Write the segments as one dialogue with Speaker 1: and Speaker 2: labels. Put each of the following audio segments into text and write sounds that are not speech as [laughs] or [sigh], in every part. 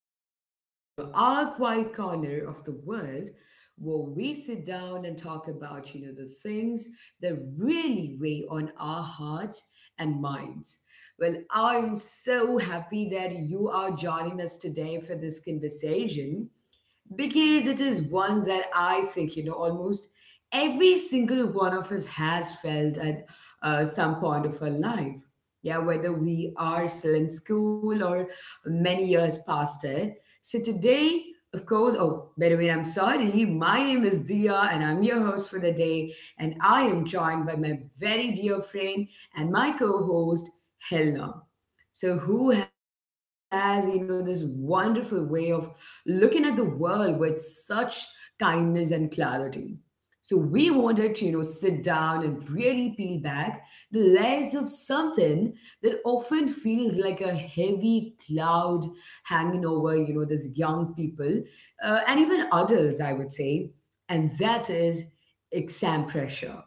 Speaker 1: welcome back to our quiet corner of the world where we sit down and talk about, the things that really weigh on our hearts and minds. Well, I'm so happy that you are joining us today for this conversation because it is one that I think, almost every single one of us has felt at some point of our life. Yeah, whether we are still in school or many years past it. So today, of course, oh, by the way, I'm sorry. My name is Dia and I'm your host for the day. And I am joined by my very dear friend and my co host, Helena. So, who has, this wonderful way of looking at the world with such kindness and clarity? So, we wanted to, sit down and really peel back the layers of something that often feels like a heavy cloud hanging over, these young people, and even adults, I would say. And that is exam pressure.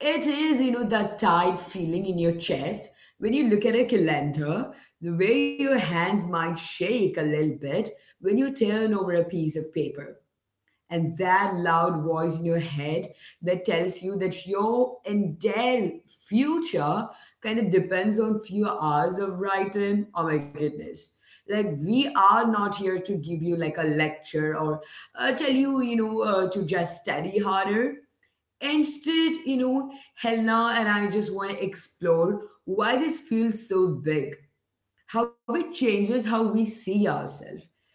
Speaker 1: It is, that tight feeling in your chest when you look at a calendar, the way your hands might shake a little bit when you turn over a piece of paper, and that loud voice in your head that tells you that your entire future kind of depends on few hours of writing. Oh my goodness. Like, we are not here to give you like a lecture or tell you, to just study harder. Instead, hell now, and I just want to explore why this feels so big, how it changes how we see ourselves,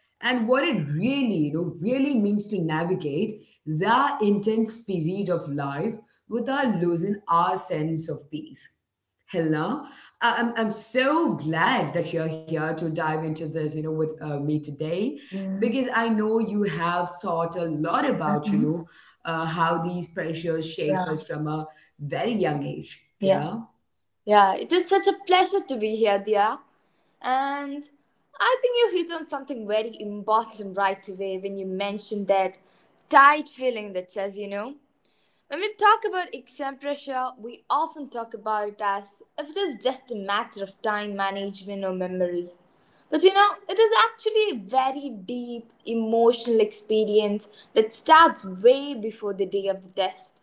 Speaker 1: and what it really, really means to navigate the intense period of life without losing our sense of peace. Helena, I'm so glad that you're here to dive into this, with me today,
Speaker 2: Mm,
Speaker 1: because I know you have thought a lot about,
Speaker 2: mhm.
Speaker 1: how these pressures shape us
Speaker 2: Yeah,
Speaker 1: from a very young age,
Speaker 2: yeah,
Speaker 1: yeah.
Speaker 2: yeah. It is such a pleasure to be here, Dia. And I think you hit on something very important right away when you mentioned that tight feeling in the chest, you know. When we talk about exam pressure, we often talk about it as if it is just a matter of time management or memory. But you know, it is actually a very deep emotional experience that starts way before the day of the test.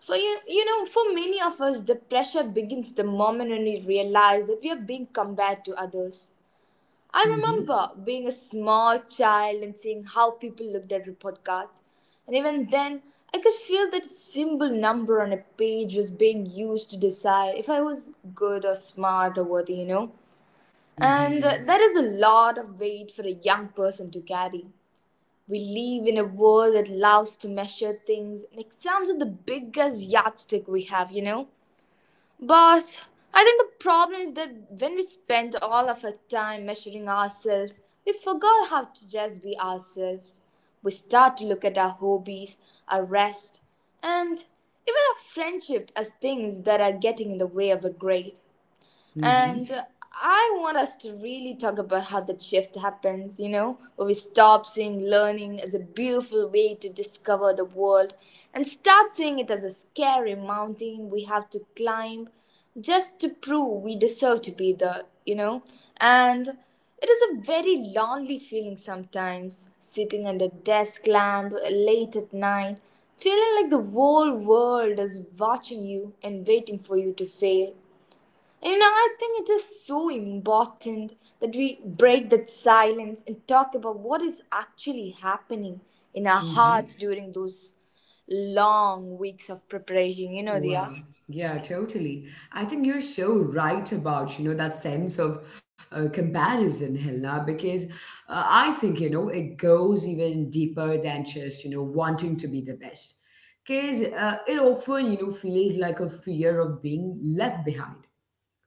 Speaker 2: For you, you know, for many of us, the pressure begins the moment when we realize that we are being compared to others. I
Speaker 1: Mm-hmm.
Speaker 2: remember being a small child and seeing how people looked at report cards, and even then, I could feel that a simple number on a page was being used to decide if I was good or smart or worthy, you know. And
Speaker 1: Mm-hmm.
Speaker 2: that is a lot of weight for a young person to carry. We live in a world that loves to measure things, and exams are the biggest yardstick we have, you know? But I think the problem is that when we spend all of our time measuring ourselves, we forgot how to just be ourselves. We start to look at our hobbies, our rest, and even our friendship as things that are getting in the way of a grade. And
Speaker 1: Mm-hmm.
Speaker 2: I want us to really talk about how that shift happens, you know, where we stop seeing learning as a beautiful way to discover the world and start seeing it as a scary mountain we have to climb just to prove we deserve to be there, you know. And it is a very lonely feeling sometimes, sitting under desk lamp late at night, feeling like the whole world is watching you and waiting for you to fail. And I think it is so important that we break that silence and talk about what is actually happening in our hearts
Speaker 1: Mm-hmm.
Speaker 2: during those long weeks of preparation. You know, Dia?
Speaker 1: Wow. Yeah, totally. I think you're so right about, that sense of comparison, Helena, because I think, it goes even deeper than just, wanting to be the best. Because it often, feels like a fear of being left behind.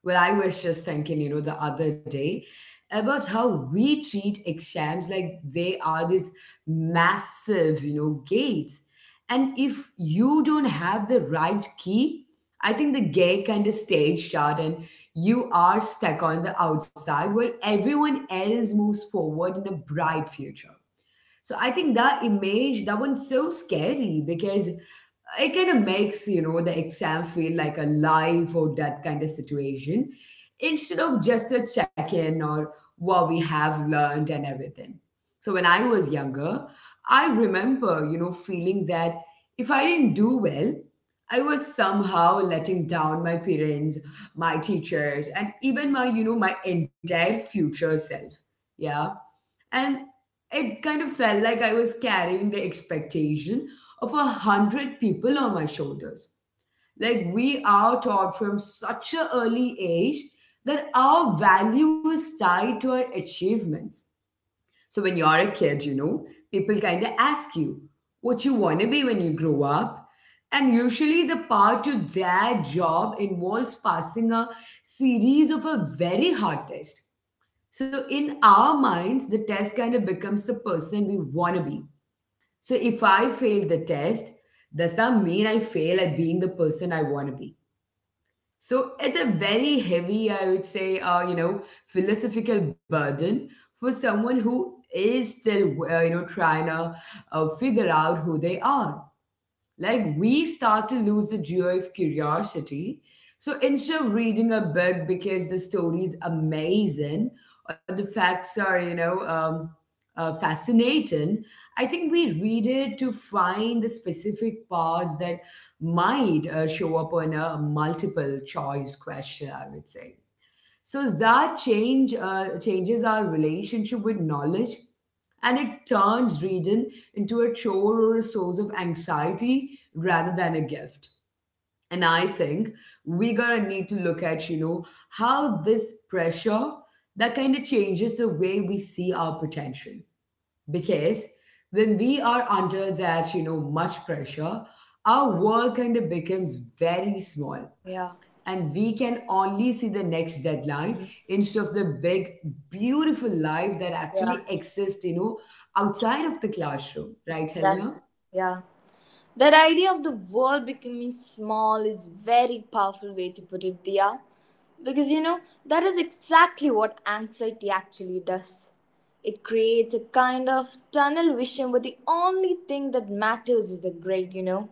Speaker 1: Well, I was just thinking, the other day about how we treat exams like they are these massive, gates. And if you don't have the right key, I think the gate kind of stays shut and you are stuck on the outside while everyone else moves forward in a bright future. So I think that image, that one's so scary because it kind of makes, the exam feel like a life or death kind of situation instead of just a check-in or what we have learned and everything. So when I was younger, I remember, feeling that if I didn't do well, I was somehow letting down my parents, my teachers, and even my, my entire future self, yeah. And it kind of felt like I was carrying the expectation of 100 people on my shoulders. Like we are taught from such an early age that our value is tied to our achievements. So when you're a kid, people kind of ask you what you want to be when you grow up. And usually the part to that job involves passing a series of a very hard test. So in our minds, the test kind of becomes the person we want to be. So if I fail the test, does that mean I fail at being the person I want to be? So it's a very heavy, I would say, philosophical burden for someone who is still, trying to figure out who they are. Like we start to lose the joy of curiosity. So instead of reading a book because the story is amazing or the facts are, fascinating, I think we read it to find the specific parts that might, show up on a multiple choice question, I would say. So that change changes our relationship with knowledge, and it turns reading into a chore or a source of anxiety rather than a gift. And I think we gotta need to look at, how this pressure that kind of changes the way we see our potential. Because when we are under that, much pressure, our world kind of becomes very small,
Speaker 2: Yeah.
Speaker 1: and we can only see the next deadline instead of the big beautiful life that
Speaker 2: Yeah.
Speaker 1: actually exists, outside of the classroom, right, Helena?
Speaker 2: That, yeah. That idea of the world becoming small is very powerful way to put it, Dia. Because you know, that is exactly what anxiety actually does. It creates a kind of tunnel vision where the only thing that matters is the grade, you know.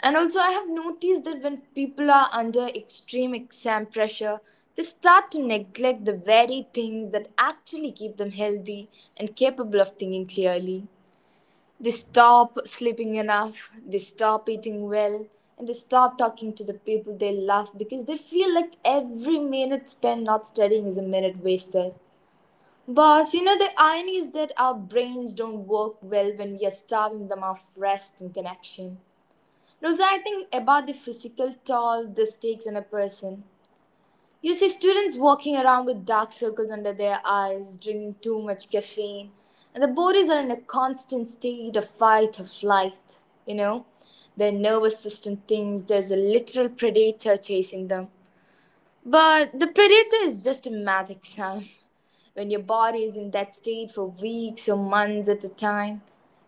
Speaker 2: And also, I have noticed that when people are under extreme exam pressure, they start to neglect the very things that actually keep them healthy and capable of thinking clearly. They stop sleeping enough, they stop eating well, and they stop talking to the people they love because they feel like every minute spent not studying is a minute wasted. But you know, the irony is that our brains don't work well when we are starving them of rest and connection. And also, I think about the physical toll this takes on a person. You see students walking around with dark circles under their eyes, drinking too much caffeine, and their bodies are in a constant state of fight or flight. You know, their nervous system thinks there's a literal predator chasing them. But the predator is just a math exam. When your body is in that state for weeks or months at a time,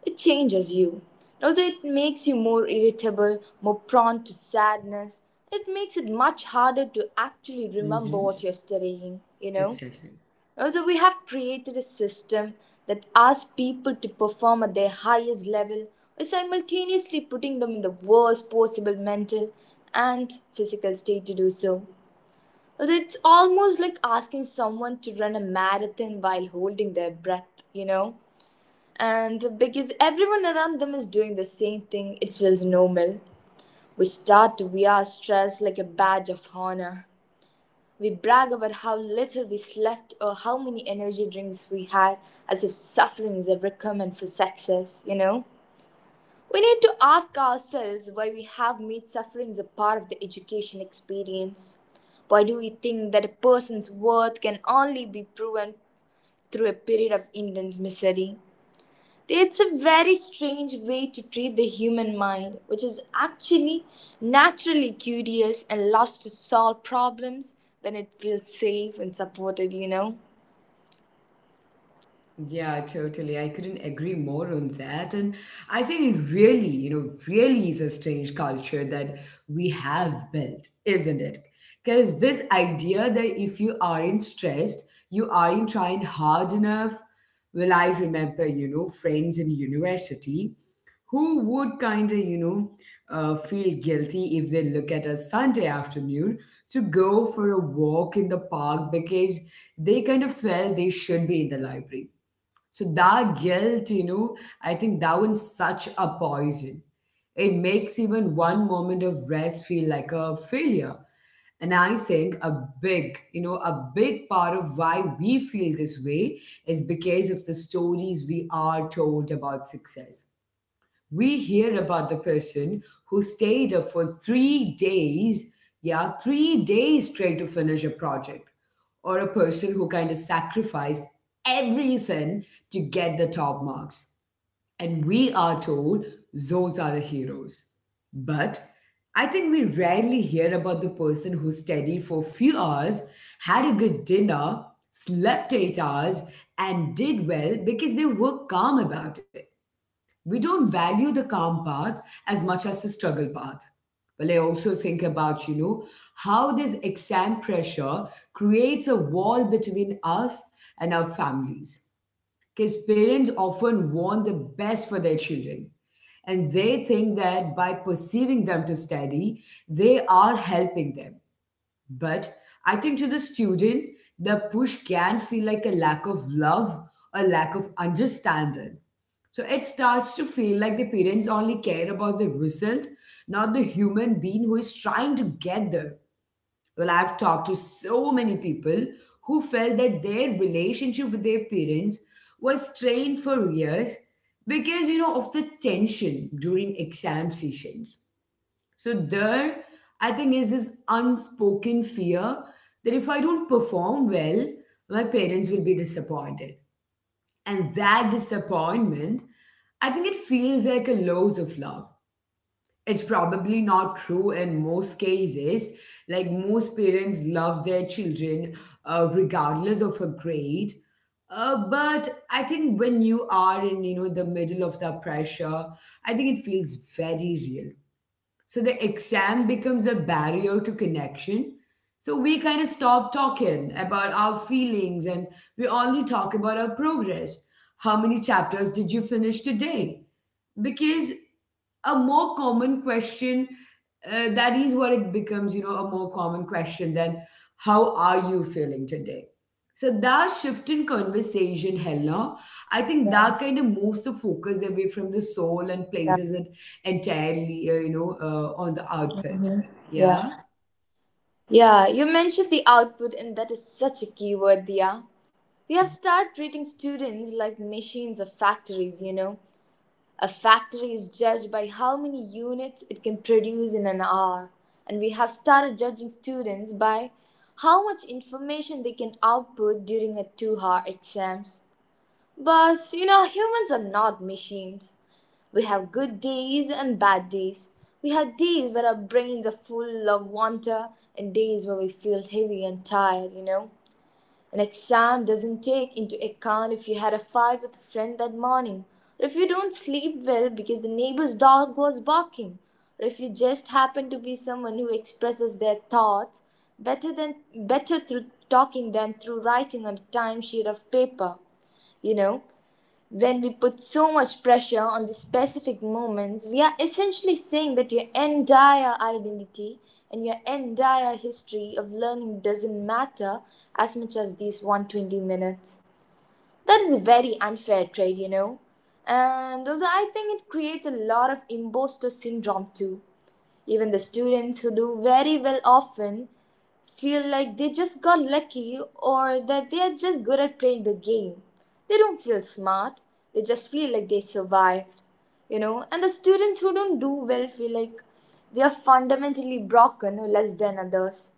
Speaker 2: it changes you. And although it makes you more irritable, more prone to sadness, it makes it much harder to actually remember
Speaker 1: Mm-hmm.
Speaker 2: what you're studying, you know?
Speaker 1: Exactly.
Speaker 2: Also, we have created a system that asks people to perform at their highest level while simultaneously putting them in the worst possible mental and physical state to do so. It's almost like asking someone to run a marathon while holding their breath, you know? And because everyone around them is doing the same thing, it feels normal. We start to wear stress like a badge of honor. We brag about how little we slept or how many energy drinks we had, as if suffering is a requirement for success, you know? We need to ask ourselves why we have made suffering a part of the education experience. Why do we think that a person's worth can only be proven through a period of intense misery? It's a very strange way to treat the human mind, which is actually naturally curious and loves to solve problems when it feels safe and supported, you know?
Speaker 1: Yeah, totally. I couldn't agree more on that. And I think it really, really is a strange culture that we have built, isn't it? Because this idea that if you aren't stressed, you aren't trying hard enough. Well, I remember, friends in university who would kind of, feel guilty if they look at a Sunday afternoon to go for a walk in the park because they kind of felt they should be in the library. So that guilt, I think that one's such a poison. It makes even one moment of rest feel like a failure. And I think a big, a big part of why we feel this way is because of the stories we are told about success. We hear about the person who stayed up for 3 days, yeah, 3 days straight to finish a project, or a person who kind of sacrificed everything to get the top marks. And we are told those are the heroes. But I think we rarely hear about the person who studied for a few hours, had a good dinner, slept 8 hours, and did well because they were calm about it. We don't value the calm path as much as the struggle path. Well, I also think about, how this exam pressure creates a wall between us and our families. Because parents often want the best for their children. And they think that by perceiving them to study, they are helping them. But I think to the student, the push can feel like a lack of love or lack of understanding. So it starts to feel like the parents only care about the result, not the human being who is trying to get there. Well, I've talked to so many people who felt that their relationship with their parents was strained for years because, of the tension during exam sessions. So there, I think, is this unspoken fear that if I don't perform well, my parents will be disappointed. And that disappointment, I think it feels like a loss of love. It's probably not true in most cases. Like most parents love their children, regardless of a grade. But I think when you are in, the middle of the pressure, I think it feels very real. So the exam becomes a barrier to connection. So we kind of stop talking about our feelings and we only talk about our progress. How many chapters did you finish today? Because a more common question, that is what it becomes, a more common question than how are you feeling today? So that shift in conversation, Helena, I think
Speaker 2: Yeah.
Speaker 1: that kind of moves the focus away from the soul and
Speaker 2: Yeah.
Speaker 1: places it entirely, on the output.
Speaker 2: Mhm. Yeah.
Speaker 1: Yeah.
Speaker 2: Yeah, you mentioned the output, and that is such a key word, Dia. We have started treating students like machines of factories, you know. A factory is judged by how many units it can produce in an hour, and we have started judging students by how much information they can output during a 2-hour exams. But you know, humans are not machines. We have good days and bad days. We have days where our brains are full of wonder and days where we feel heavy and tired, you know. An exam doesn't take into account if you had a fight with a friend that morning, or if you don't sleep well because the neighbor's dog was barking, or if you just happen to be someone who expresses their thoughts better than better through talking than through writing on a timesheet of paper. You know, when we put so much pressure on these specific moments, we are essentially saying that your entire identity and your entire history of learning doesn't matter as much as these 120 minutes. That is a very unfair trade, you know. And also, I think it creates a lot of imposter syndrome too. Even the students who do very well often feel like they just got lucky or that they are just good at playing the game. They don't feel smart, they just feel like they survived, you know. And the students who don't do well feel like they are fundamentally broken or less than others.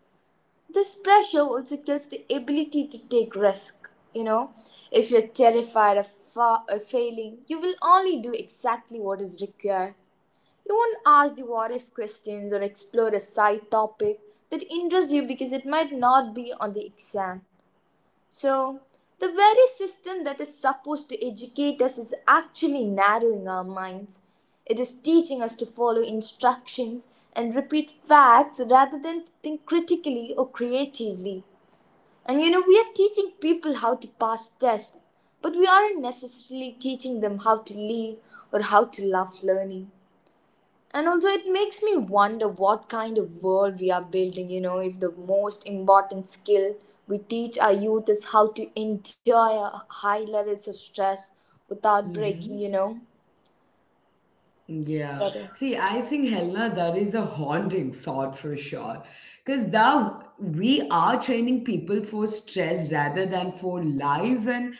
Speaker 2: This pressure also kills the ability to take risk, you know. If you're terrified of failing, you will only do exactly what is required. You won't ask the what if questions or explore a side topic that interests you because it might not be on the exam. So, the very system that is supposed to educate us is actually narrowing our minds. It is teaching us to follow instructions and repeat facts rather than to think critically or creatively. And you know, we are teaching people how to pass tests, but we aren't necessarily teaching them how to live or how to love learning. And also, it makes me wonder what kind of world we are building, you know, if the most important skill we teach our youth is how to endure high levels of stress without breaking,
Speaker 1: Mm-hmm.
Speaker 2: you know.
Speaker 1: Yeah.
Speaker 2: That is.
Speaker 1: See, I think, Helena, that is a haunting thought for sure. Because that we are training people for stress rather than for life. And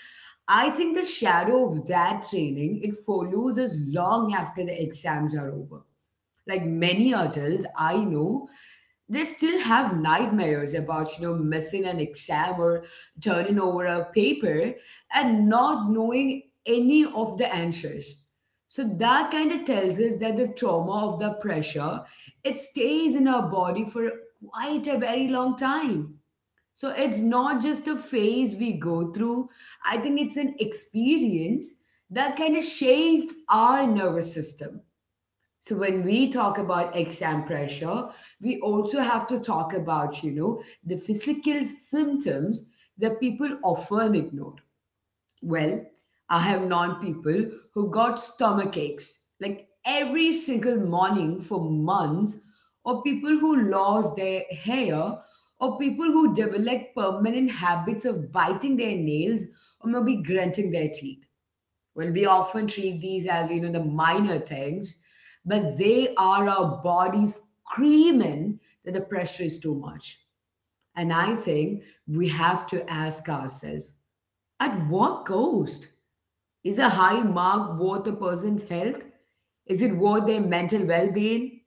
Speaker 1: I think the shadow of that training, it follows us long after the exams are over. Like many adults I know, they still have nightmares about, missing an exam or turning over a paper and not knowing any of the answers. So that kind of tells us that the trauma of the pressure, it stays in our body for quite a very long time. So it's not just a phase we go through. I think it's an experience that kind of shapes our nervous system. So when we talk about exam pressure, we also have to talk about, the physical symptoms that people often ignore. Well, I have known people who got stomach aches like every single morning for months, or people who lost their hair, or people who developed permanent habits of biting their nails or maybe grunting their teeth. Well, we often treat these as, the minor things, but they are our bodies screaming that the pressure is too much. And I think we have to ask ourselves, at what cost? Is a high mark worth a person's health? Is it worth their mental well being?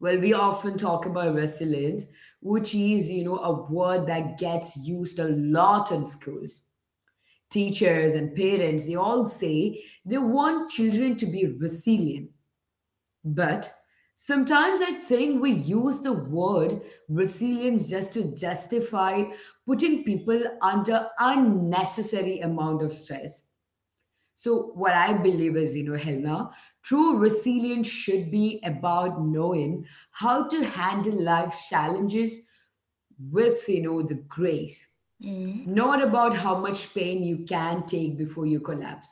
Speaker 1: Well, we often talk about resilience, which is, a word that gets used a lot in schools teachers and parents, they all say they want children to be resilient. But sometimes I think we use the word resilience just to justify putting people under unnecessary amount of stress. So what I believe is, Helena, true resilience should be about knowing how to handle life's challenges with, the grace,
Speaker 2: Mm.
Speaker 1: not about how much pain you can take before you collapse.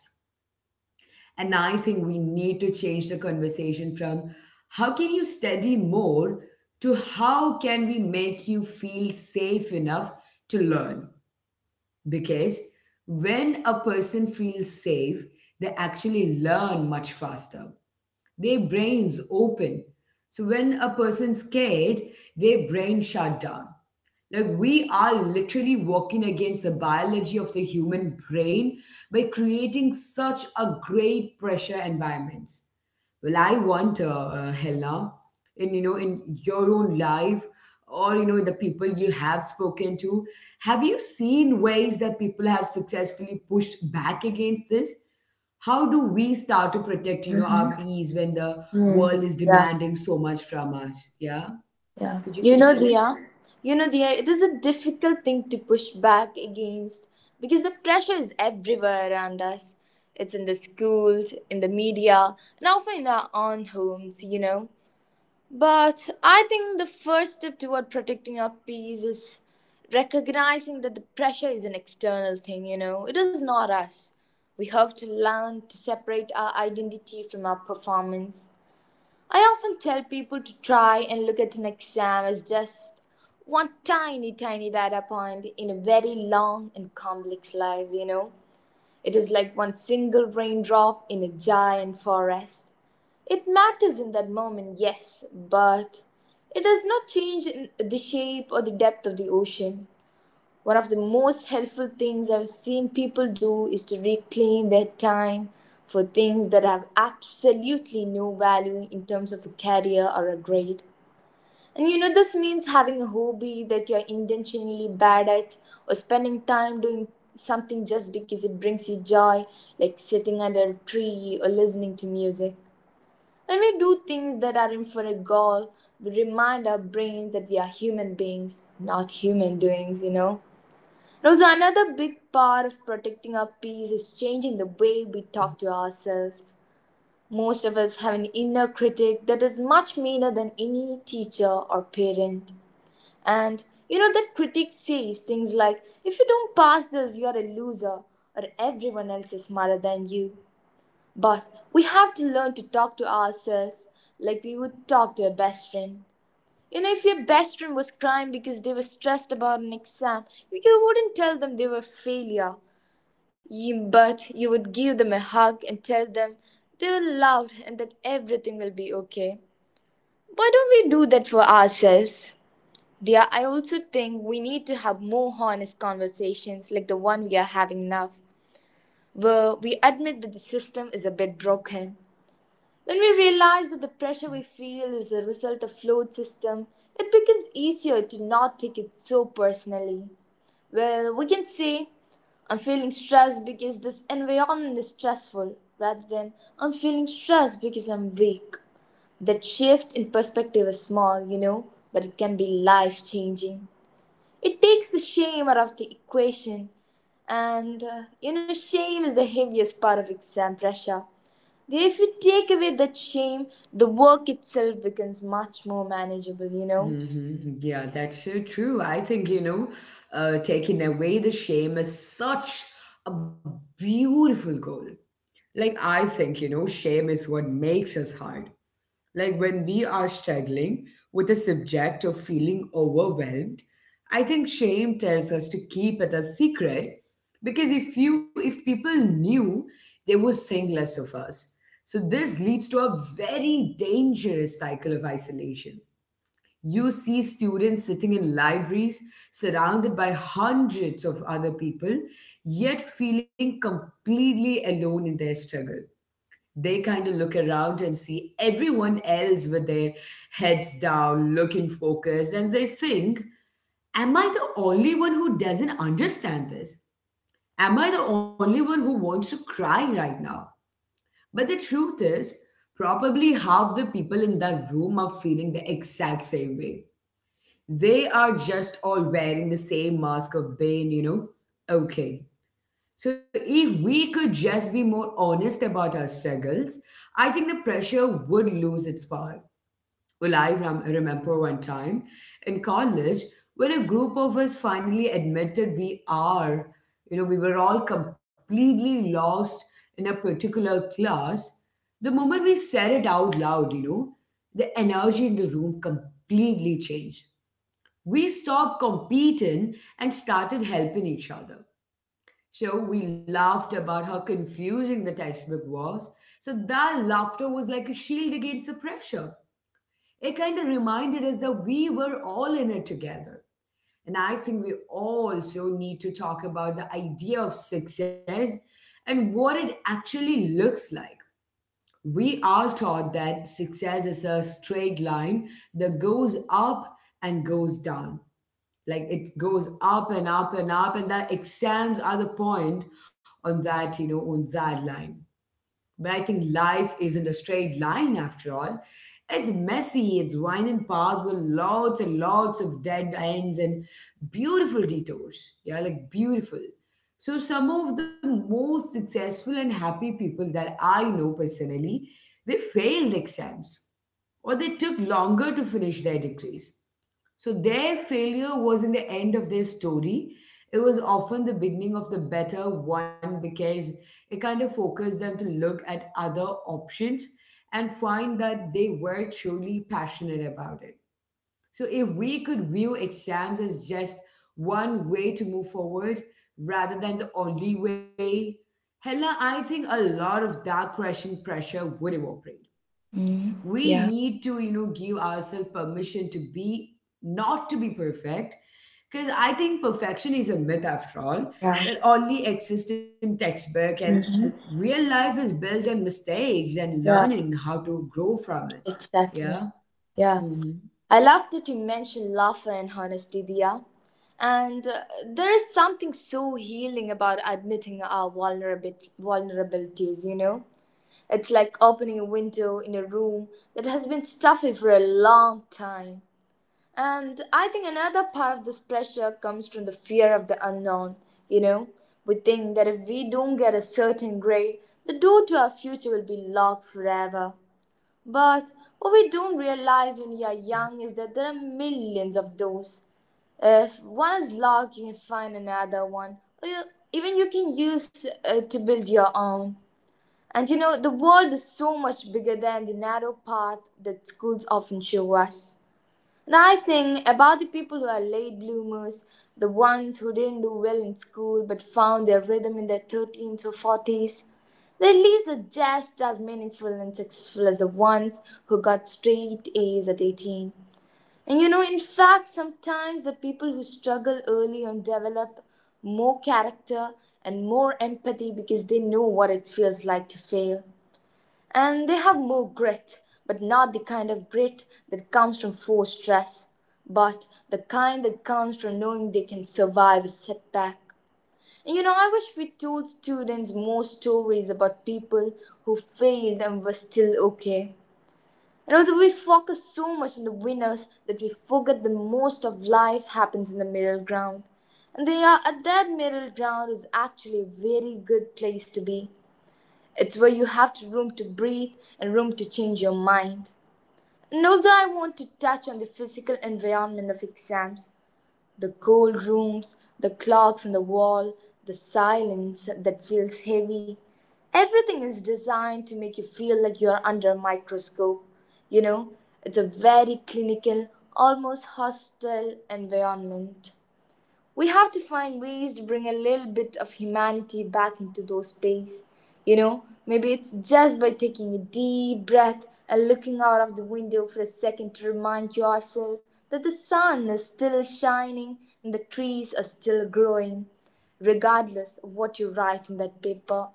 Speaker 1: And I think we need to change the conversation from how can you study more to how can we make you feel safe enough to learn? Because when a person feels safe, they actually learn much faster their brains open. So when a person's scared, their brain shut down. Like we are literally working against the biology of the human brain by creating such a great pressure environment. Well, I wonder, Helena, in in your own life, or the people you have spoken to, have you seen ways that people have successfully pushed back against this? How do we start to protect our peace when the world is demanding so much from us, yeah?
Speaker 2: Yeah.
Speaker 1: Could you
Speaker 2: You
Speaker 1: please
Speaker 2: know,
Speaker 1: tell us.
Speaker 2: Dia, you know, Dia, it is a difficult thing to push back against because the pressure is everywhere around us. It's in the schools, in the media, and often in our own homes, you know. But I think the first step toward protecting our peace is recognizing that the pressure is an external thing, you know, it is not us. We have to learn to separate our identity from our performance. I often tell people to try and look at an exam as just one tiny, tiny data point in a very long and complex life, you know. It is like one single raindrop in a giant forest. It matters in that moment, yes, but it does not change in the shape or the depth of the ocean. One of the most helpful things I've seen people do is to reclaim their time for things that have absolutely no value in terms of a career or a grade. And you know, this means having a hobby that you're intentionally bad at or spending time doing something just because it brings you joy, like sitting under a tree or listening to music. When we do things that aren't for a goal, we remind our brains that we are human beings, not human doings, you know. And also, another big part of protecting our peace is changing the way we talk to ourselves. Most of us have an inner critic that is much meaner than any teacher or parent. And you know that critic says things like, if you don't pass this, you're a loser, or everyone else is smarter than you. But we have to learn to talk to ourselves like we would talk to a best friend. You know, if your best friend was crying because they were stressed about an exam, you wouldn't tell them they were a failure. You, but you would give them a hug and tell them they were loved and that everything will be okay. Why don't we do that for ourselves? Yeah, I also think we need to have more honest conversations like the one we are having now, where we admit that the system is a bit broken. When we realize that the pressure we feel is a result of flawed system, it becomes easier to not take it so personally. Well, we can say, I'm feeling stressed because this environment is stressful, rather than I'm feeling stressed because I'm weak. That shift in perspective is small, you know, but it can be life changing. It takes the shame out of the equation. Shame is the heaviest part of exam pressure. If you take away that shame, the work itself becomes much more manageable,
Speaker 1: Hmm. Yeah, that's so true. I think, taking away the shame is such a beautiful goal. Like, I think, shame is what makes us hard. Like when we are struggling with a subject or feeling overwhelmed, I think shame tells us to keep it a secret because if people knew, they would think less of us. So this leads to a very dangerous cycle of isolation. You see students sitting in libraries surrounded by hundreds of other people, yet feeling completely alone in their struggle. They kind of look around and see everyone else with their heads down, looking focused, and they think, am I the only one who doesn't understand this? Am I the only one who wants to cry right now? But the truth is, probably half the people in that room are feeling the exact same way. They are just all wearing the same mask of being, you know? Okay, so if we could just be more honest about our struggles, I think the pressure would lose its power. Well, remember one time in college when a group of us finally admitted we are, we were all completely lost in a particular class. The moment we said it out loud, the energy in the room completely changed. We stopped competing and started helping each other, so we laughed about how confusing that iceberg was. So that laughter was like a shield against the pressure. It kind of reminded us that we were all in it together. And I think we also need to talk about the idea of success and what it actually looks like. We are taught that success is a straight line that goes up and goes down, like it goes up and up and up, and that exams are the point on that, on that line. But I think life isn't a straight line after all. It's messy, it's winding path with lots and lots of dead ends and beautiful detours, yeah, like beautiful. So some of the most successful and happy people that I know personally, they failed exams or they took longer to finish their degrees. So their failure wasn't the end of their story. It was often the beginning of the better one because it kind of focused them to look at other options and find that they were truly passionate about it. So if we could view exams as just one way to move forward rather than the only way, Hella, I think a lot of that crushing pressure would evaporate.
Speaker 2: Mm,
Speaker 1: We
Speaker 2: yeah.
Speaker 1: need to give ourselves permission to be not to be perfect, because I think perfection is a myth after all,
Speaker 2: Yeah.
Speaker 1: that only exists in textbook, and real life is built on mistakes and
Speaker 2: Yeah,
Speaker 1: learning how to grow from it.
Speaker 2: exactly.
Speaker 1: Yeah.
Speaker 2: Yeah.
Speaker 1: Hmm.
Speaker 2: I love that you mentioned laughter and honesty, Dia. And There is something so healing about admitting our vulnerabilities, you know? It's like opening a window in a room that has been stuffy for a long time. And I think another part of this pressure comes from the fear of the unknown. You know, we think that if we don't get a certain grade, the door to our future will be locked forever. But what we don't realize when we are young is that there are millions of doors. If one is locked, you can find another one. Even you can use it to build your own. And you know, the world is so much bigger than the narrow path that schools often show us. And I think about the people who are late bloomers, the ones who didn't do well in school but found their rhythm in their 13s or 40s. Their lives are just as meaningful and successful as the ones who got straight A's at 18. And you know, in fact, sometimes the people who struggle early on develop more character and more empathy because they know what it feels like to fail. And they have more grit, but not the kind of grit that comes from forced stress, but the kind that comes from knowing they can survive a setback. And you know, I wish we told students more stories about people who failed and were still okay. And also, we focus so much on the winners that we forget that most of life happens in the middle ground. That middle ground is actually a very good place to be. It's where you have to room to breathe and room to change your mind. And although I want to touch on the physical environment of exams, the cold rooms, the clocks on the wall, the silence that feels heavy, everything is designed to make you feel like you are under a microscope. You know, it's a very clinical, almost hostile environment we have to find ways to bring a little bit of humanity back into those space. You know, maybe it's just by taking a deep breath and looking out of the window for a second to remind yourself that the sun is still shining and the trees are still growing, regardless of what you write in that paper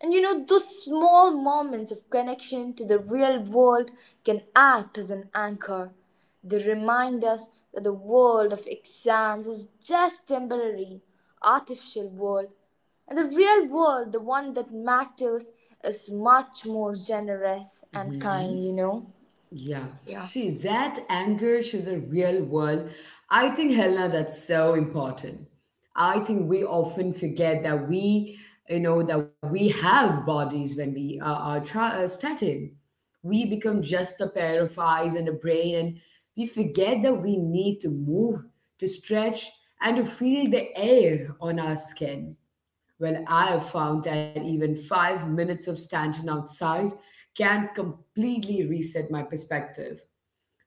Speaker 2: and you know, those small moments of connection to the real world can act as an anchor. They remind us that the world of exams is just temporary, artificial world. And the real world, the one that matters, is much more generous and
Speaker 1: Hmm.
Speaker 2: kind, you know?
Speaker 1: Yeah.
Speaker 2: Yeah.
Speaker 1: See, that anchor to the real world, I think, Helena, that's so important. I think we often forget that we, that we have bodies when we are, started. We become just a pair of eyes and a brain, and we forget that we need to move, to stretch, and to feel the air on our skin. Well, I have found that even 5 minutes of standing outside can completely reset my perspective.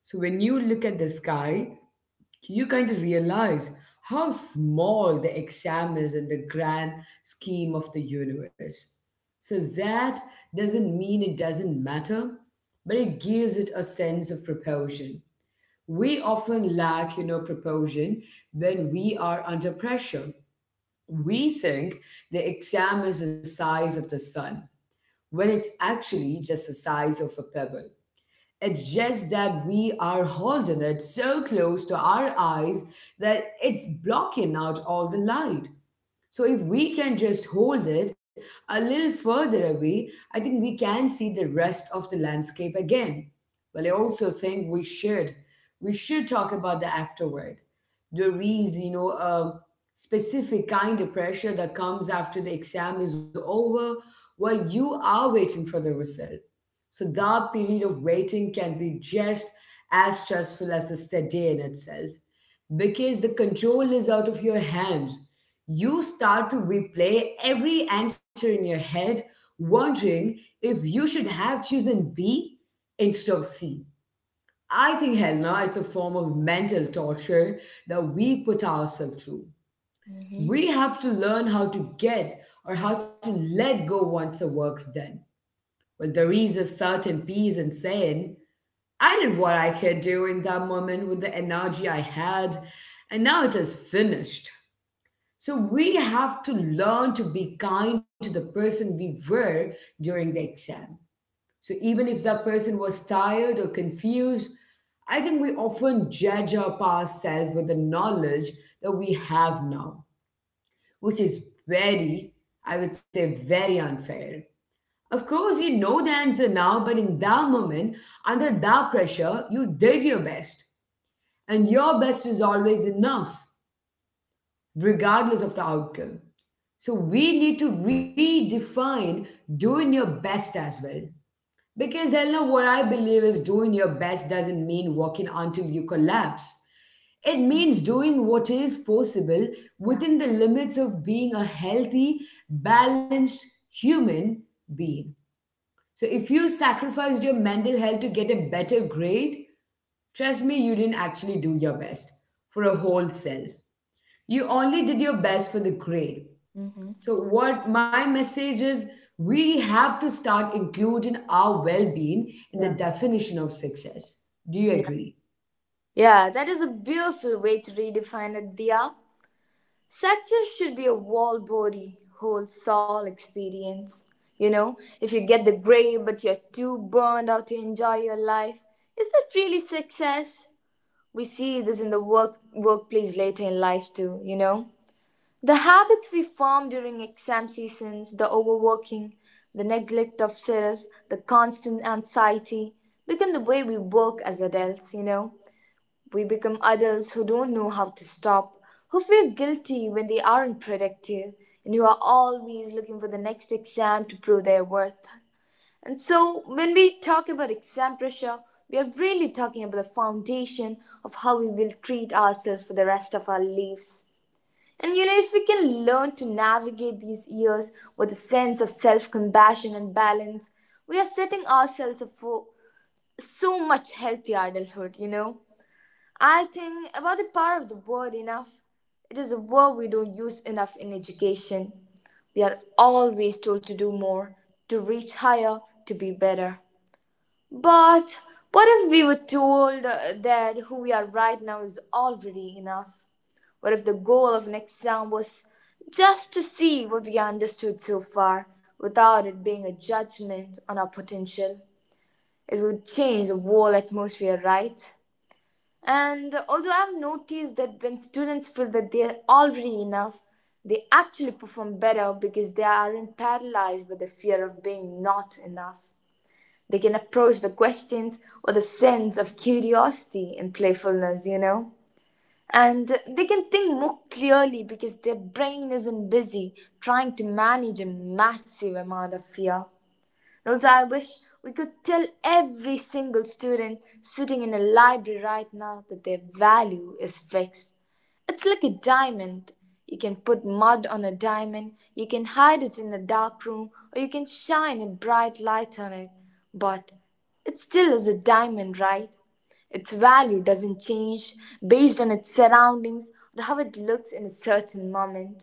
Speaker 1: So, when you look at the sky, you kind of realize how small the exam is in the grand scheme of the universe. So, that doesn't mean it doesn't matter, but it gives it a sense of proportion. We often lack, proportion when we are under pressure. We think the exam is the size of the sun when it's actually just the size of a pebble. It's just that we are holding it so close to our eyes that it's blocking out all the light. So if we can just hold it a little further away, I think we can see the rest of the landscape again. Well, I also think we should talk about the afterward. There is, a specific kind of pressure that comes after the exam is over while you are waiting for the result. So that period of waiting can be just as stressful as the study in itself because the control is out of your hands. You start to replay every answer in your head, wondering if you should have chosen B instead of C. I think, Helena, it's a form of mental torture that we put ourselves through.
Speaker 2: Mm-hmm.
Speaker 1: We have to learn how to get or how to let go once the work's done. Well, there is a certain peace in saying, I did what I could do in that moment with the energy I had, and now it is finished. So we have to learn to be kind to the person we were during the exam. So even if that person was tired or confused, I think we often judge our past self with the knowledge that we have now, which is very, I would say, very unfair. Of course, you know the answer now, but in that moment, under that pressure, you did your best. And your best is always enough, regardless of the outcome. So we need to redefine doing your best as well. Because Helena, what I believe is doing your best doesn't mean working until you collapse. It means doing what is possible
Speaker 2: Yeah.
Speaker 1: within the limits of being a healthy, balanced human being. So if you sacrificed your mental health to get a better grade, trust me, you didn't actually do your best for a whole self. You only did your best for the grade.
Speaker 2: Hmm.
Speaker 1: So, what my message is, we have to start including our well being in the
Speaker 2: Yeah.
Speaker 1: definition of success. Do you
Speaker 2: Yeah.
Speaker 1: agree?
Speaker 2: Yeah, that is a beautiful way to redefine it, Dia. Success should be a whole body, whole soul experience. You know, if you get the grade but you're too burned out to enjoy your life, is that really success? We see this in the workplace later in life too, you know. The habits we form during exam seasons, the overworking, the neglect of self, the constant anxiety become the way we work as adults, you know. We become adults who don't know how to stop, who feel guilty when they aren't productive, and who are always looking for the next exam to prove their worth. And so, when we talk about exam pressure, we are really talking about the foundation of how we will treat ourselves for the rest of our lives. And you know, if we can learn to navigate these years with a sense of self compassion and balance, we are setting ourselves up for so much healthy adulthood, you know. I think about the power of the word enough. It is a word we don't use enough in education. We are always told to do more, to reach higher, to be better. But what if we were told that who we are right now is already enough? What if the goal of an exam was just to see what we understood so far without it being a judgment on our potential? It would change the whole atmosphere, right? And also, I've noticed that when students feel that they're already enough, they actually perform better because they aren't paralyzed by the fear of being not enough. They can approach the questions with a sense of curiosity and playfulness, you know? And they can think more clearly because their brain isn't busy trying to manage a massive amount of fear. And also, I wish we could tell every single student sitting in a library right now that their value is fixed. It's like a diamond. You can put mud on a diamond, you can hide it in a dark room, or you can shine a bright light on it. But it still is a diamond, right? Its value doesn't change based on its surroundings or how it looks in a certain moment.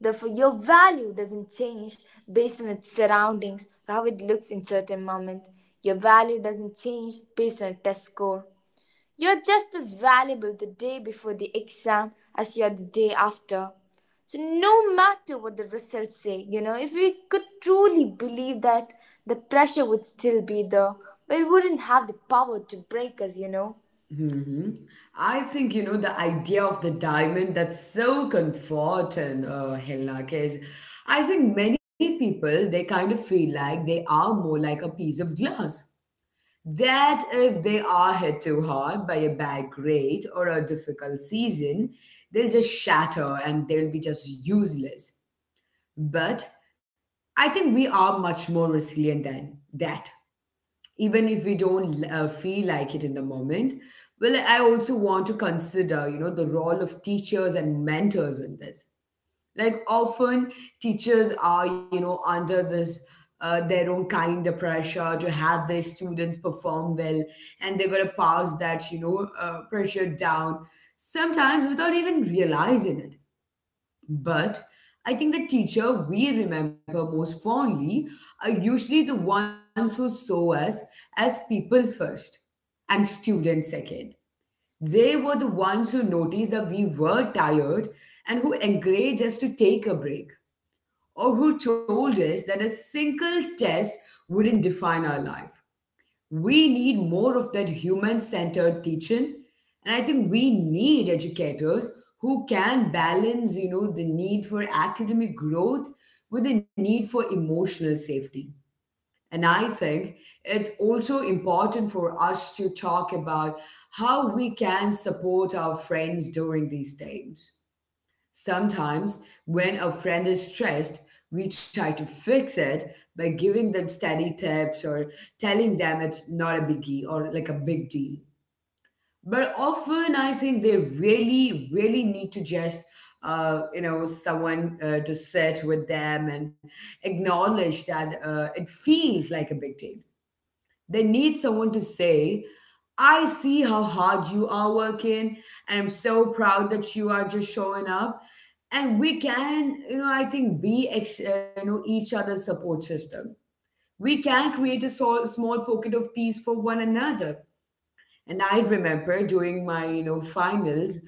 Speaker 2: Therefore, your value doesn't change based on its surroundings or how it looks in certain moment. Your value doesn't change based on a test score. You're just as valuable the day before the exam as you are the day after. So no matter what the results say, you know, if we could truly believe that, the pressure would still be there, but it wouldn't have the power to break us, you know.
Speaker 1: Hmm. I think, the idea of the diamond that's so comforting, Hilak, is I think many people, they kind of feel like they are more like a piece of glass, that if they are hit too hard by a bad grade or a difficult season, they'll just shatter and they'll be just useless. But I think we are much more resilient than that. Even if we don't feel like it in the moment. Well, I also want to consider, the role of teachers and mentors in this. Like often teachers are under this, their own kind of pressure to have their students perform well, and they're going to pass that, pressure down sometimes without even realizing it. But I think the teacher we remember most fondly are usually the ones who saw us as people first and students second. They were the ones who noticed that we were tired and who encouraged us to take a break, or who told us that a single test wouldn't define our life. We need more of that human centered teaching. And I think we need educators who can balance, the need for academic growth with the need for emotional safety. And I think it's also important for us to talk about how we can support our friends during these times. Sometimes, when a friend is stressed, we try to fix it by giving them steady tips or telling them it's not a biggie or like a big deal. But often, I think they really, really need to just, someone to sit with them and acknowledge that, it feels like a big deal. They need someone to say, I see how hard you are working, and I'm so proud that you are just showing up. And we can, you know, I think be each other's support system. We can create a small pocket of peace for one another. And I remember during my finals,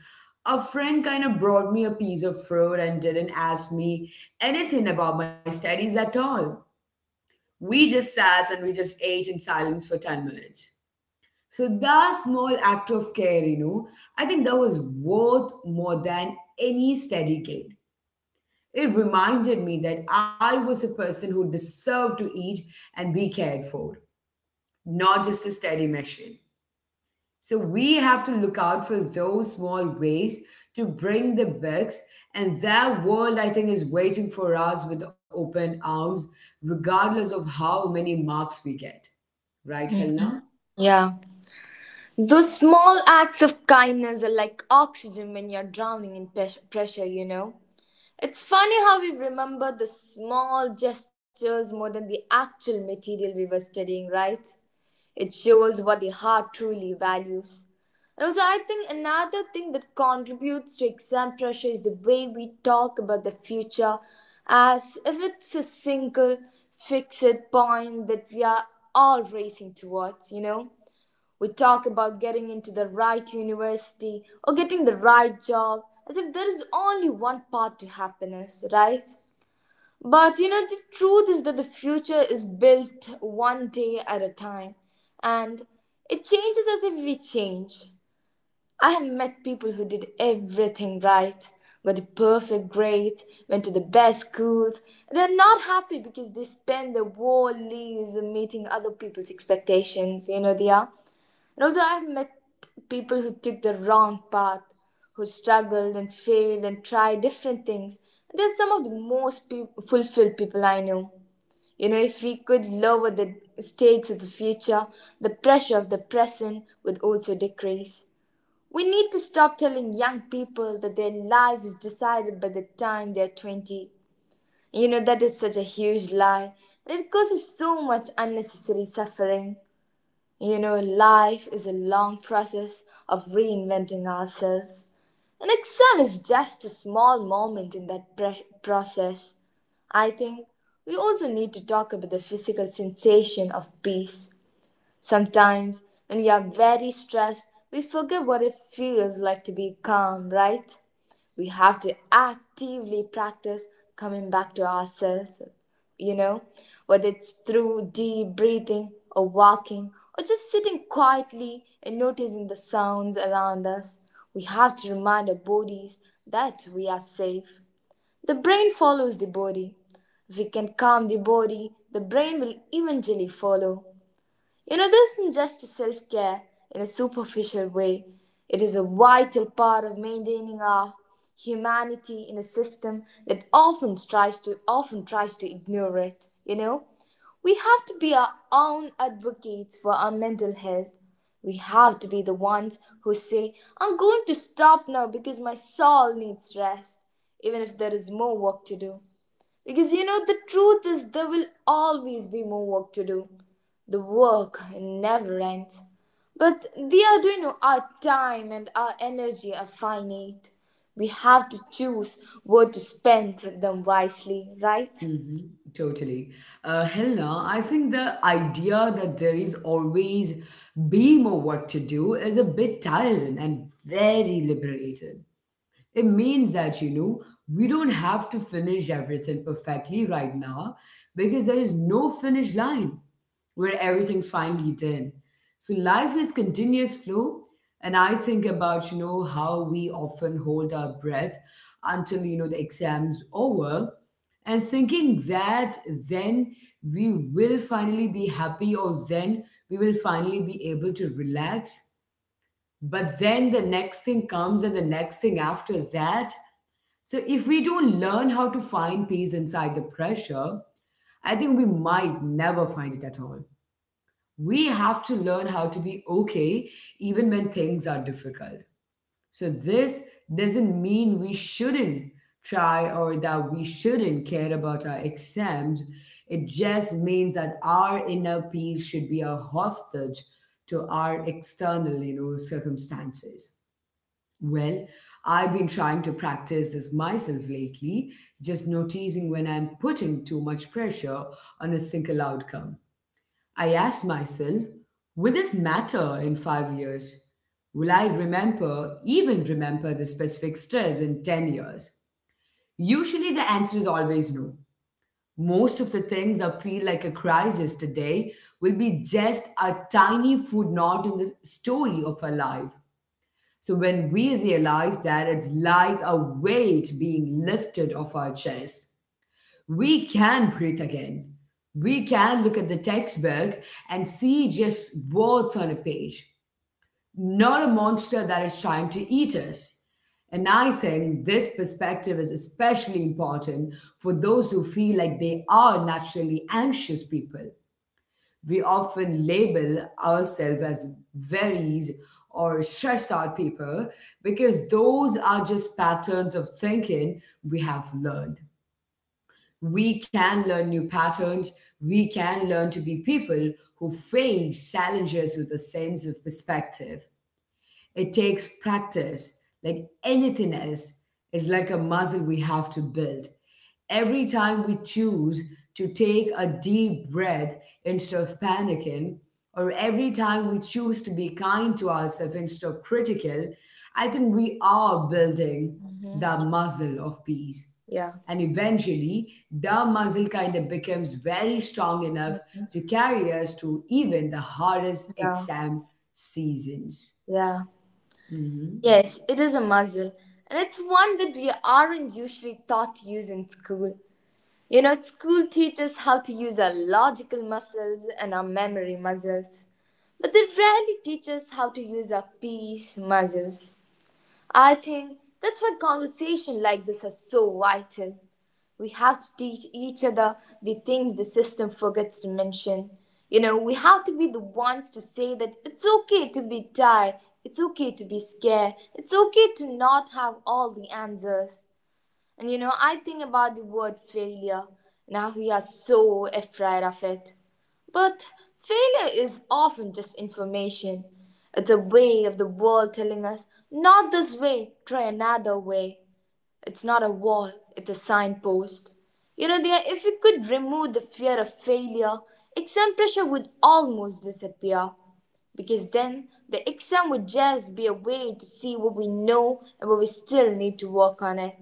Speaker 1: a friend kind of brought me a piece of fruit and didn't ask me anything about my studies at all. We just sat and we just ate in silence for 10 minutes. So that small act of care, I think that was worth more than any steady gain. It reminded me that I was a person who deserved to eat and be cared for, not just a steady machine. So we have to look out for those small ways to bring the bugs, and that world, I think, is waiting for us with open arms, regardless of how many marks we get. Right, Helena?
Speaker 2: Yeah. Those small acts of kindness are like oxygen when you're drowning in pressure, you know. It's funny how we remember the small gestures more than the actual material we were studying, right? It shows what the heart truly values. And also, I think another thing that contributes to exam pressure is the way we talk about the future as if it's a single fixed point that we are all racing towards, you know? We talk about getting into the right university or getting the right job as if there is only one path to happiness, right? But you know, the truth is that the future is built one day at a time and it changes as if we change. I have met people who did everything right, got the perfect grades, went to the best schools. They're not happy because they spend their whole lives meeting other people's expectations, you know, they are. And also, I've met people who took the wrong path, who struggled and failed and tried different things. They're some of the most fulfilled people I know. You know, if we could lower the stakes of the future, the pressure of the present would also decrease. We need to stop telling young people that their life is decided by the time they're 20. You know, that is such a huge lie. And It causes so much unnecessary suffering. You know, life is a long process of reinventing ourselves. An exam is just a small moment in that process. I think we also need to talk about the physical sensation of peace. Sometimes, when we are very stressed, we forget what it feels like to be calm, right? We have to actively practice coming back to ourselves. You know, whether it's through deep breathing or walking or just sitting quietly and noticing the sounds around us, we have to remind our bodies that we are safe. The brain follows the body. If we can calm the body, the brain will eventually follow. You know, this isn't just self care in a superficial way, it is a vital part of maintaining our humanity in a system that often tries to ignore it, you know. We have to be our own advocates for our mental health. We have to be the ones who say, I'm going to stop now because my soul needs rest, even if there is more work to do. Because you know, the truth is, there will always be more work to do. The work never ends. But the Arduino, our time and our energy are finite. We have to choose where to spend them wisely, right?
Speaker 1: Hmm. Totally. Helena, I think the idea that there is always be more work to do is a bit tiring and very liberating. It means that, we don't have to finish everything perfectly right now because there is no finish line where everything's finally done. So life is continuous flow. And I think about, how we often hold our breath until the exam's over and thinking that then we will finally be happy or then we will finally be able to relax. But then the next thing comes and the next thing after that. So if we don't learn how to find peace inside the pressure, I think we might never find it at all. We have to learn how to be okay even when things are difficult. So this doesn't mean we shouldn't try or that we shouldn't care about our exams. It just means that our inner peace should be a hostage to our external circumstances. Well, I've been trying to practice this myself lately, just noticing when I'm putting too much pressure on a single outcome. I asked myself, will this matter in 5 years? Will I remember, even remember the specific stress in 10 years? Usually the answer is always no. Most of the things that feel like a crisis today will be just a tiny footnote in the story of our life. So when we realize that it's like a weight being lifted off our chest, we can breathe again. We can look at the textbook and see just words on a page, not a monster that is trying to eat us. And I think this perspective is especially important for those who feel like they are naturally anxious people we often label ourselves as worries or stressed out people because those are just patterns of thinking we have learned. We can learn new patterns. We can learn to be people who face challenges with a sense of perspective. It takes practice. Like anything else, it's like a muscle we have to build. Every time we choose to take a deep breath instead of panicking, or every time we choose to be kind to ourselves instead of critical, I think we are building
Speaker 2: Hmm.
Speaker 1: the muscle of peace.
Speaker 2: Yeah.
Speaker 1: And eventually, the muscle kind of becomes very strong enough to carry us through even the hardest
Speaker 2: Yeah,
Speaker 1: exam seasons.
Speaker 2: yeah.
Speaker 1: Hmm.
Speaker 2: Yes, it is a muscle, and it's one that we aren't usually taught to use in school. You know, school teaches how to use our logical muscles and our memory muscles, but they rarely teach us how to use our peace muscles. I think that's why conversations like this are so vital. We have to teach each other the things the system forgets to mention. You know, we have to be the ones to say that it's okay to be tired, it's okay to be scared, it's okay to not have all the answers. And you know, I think about the word failure and how we are so afraid of it. But failure is often just information. It's a way of the world telling us, not this way, try another way. It's not a wall, it's a signpost. You know, dear, if we could remove the fear of failure, exam pressure would almost disappear because then the exam would just be a way to see what we know and what we still need to work on it.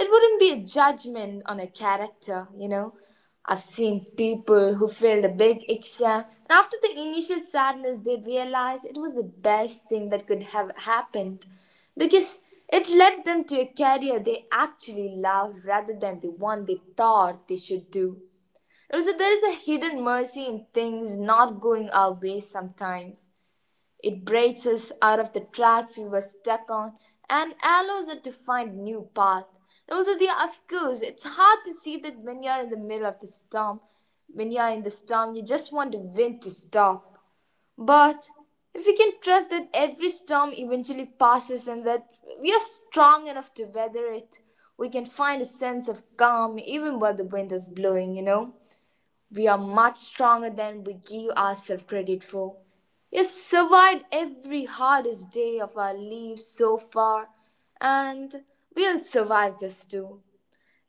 Speaker 2: It wouldn't be a judgment on a character, you know. I've seen people who failed a big exam, and after the initial sadness, they realized it was the best thing that could have happened because it led them to a career they actually loved rather than the one they thought they should do. Also, there is a hidden mercy in things not going our way sometimes. It breaks us out of the tracks we were stuck on and allows us to find new path. And also the of course, it's hard to see that when you're in the middle of the storm. When you're in the storm, you just want the wind to stop. But if we can trust that every storm eventually passes and that we are strong enough to weather it, we can find a sense of calm even while the wind is blowing, you know? We are much stronger than we give ourselves credit for. We survived every hardest day of our lives so far, and we'll survive this too.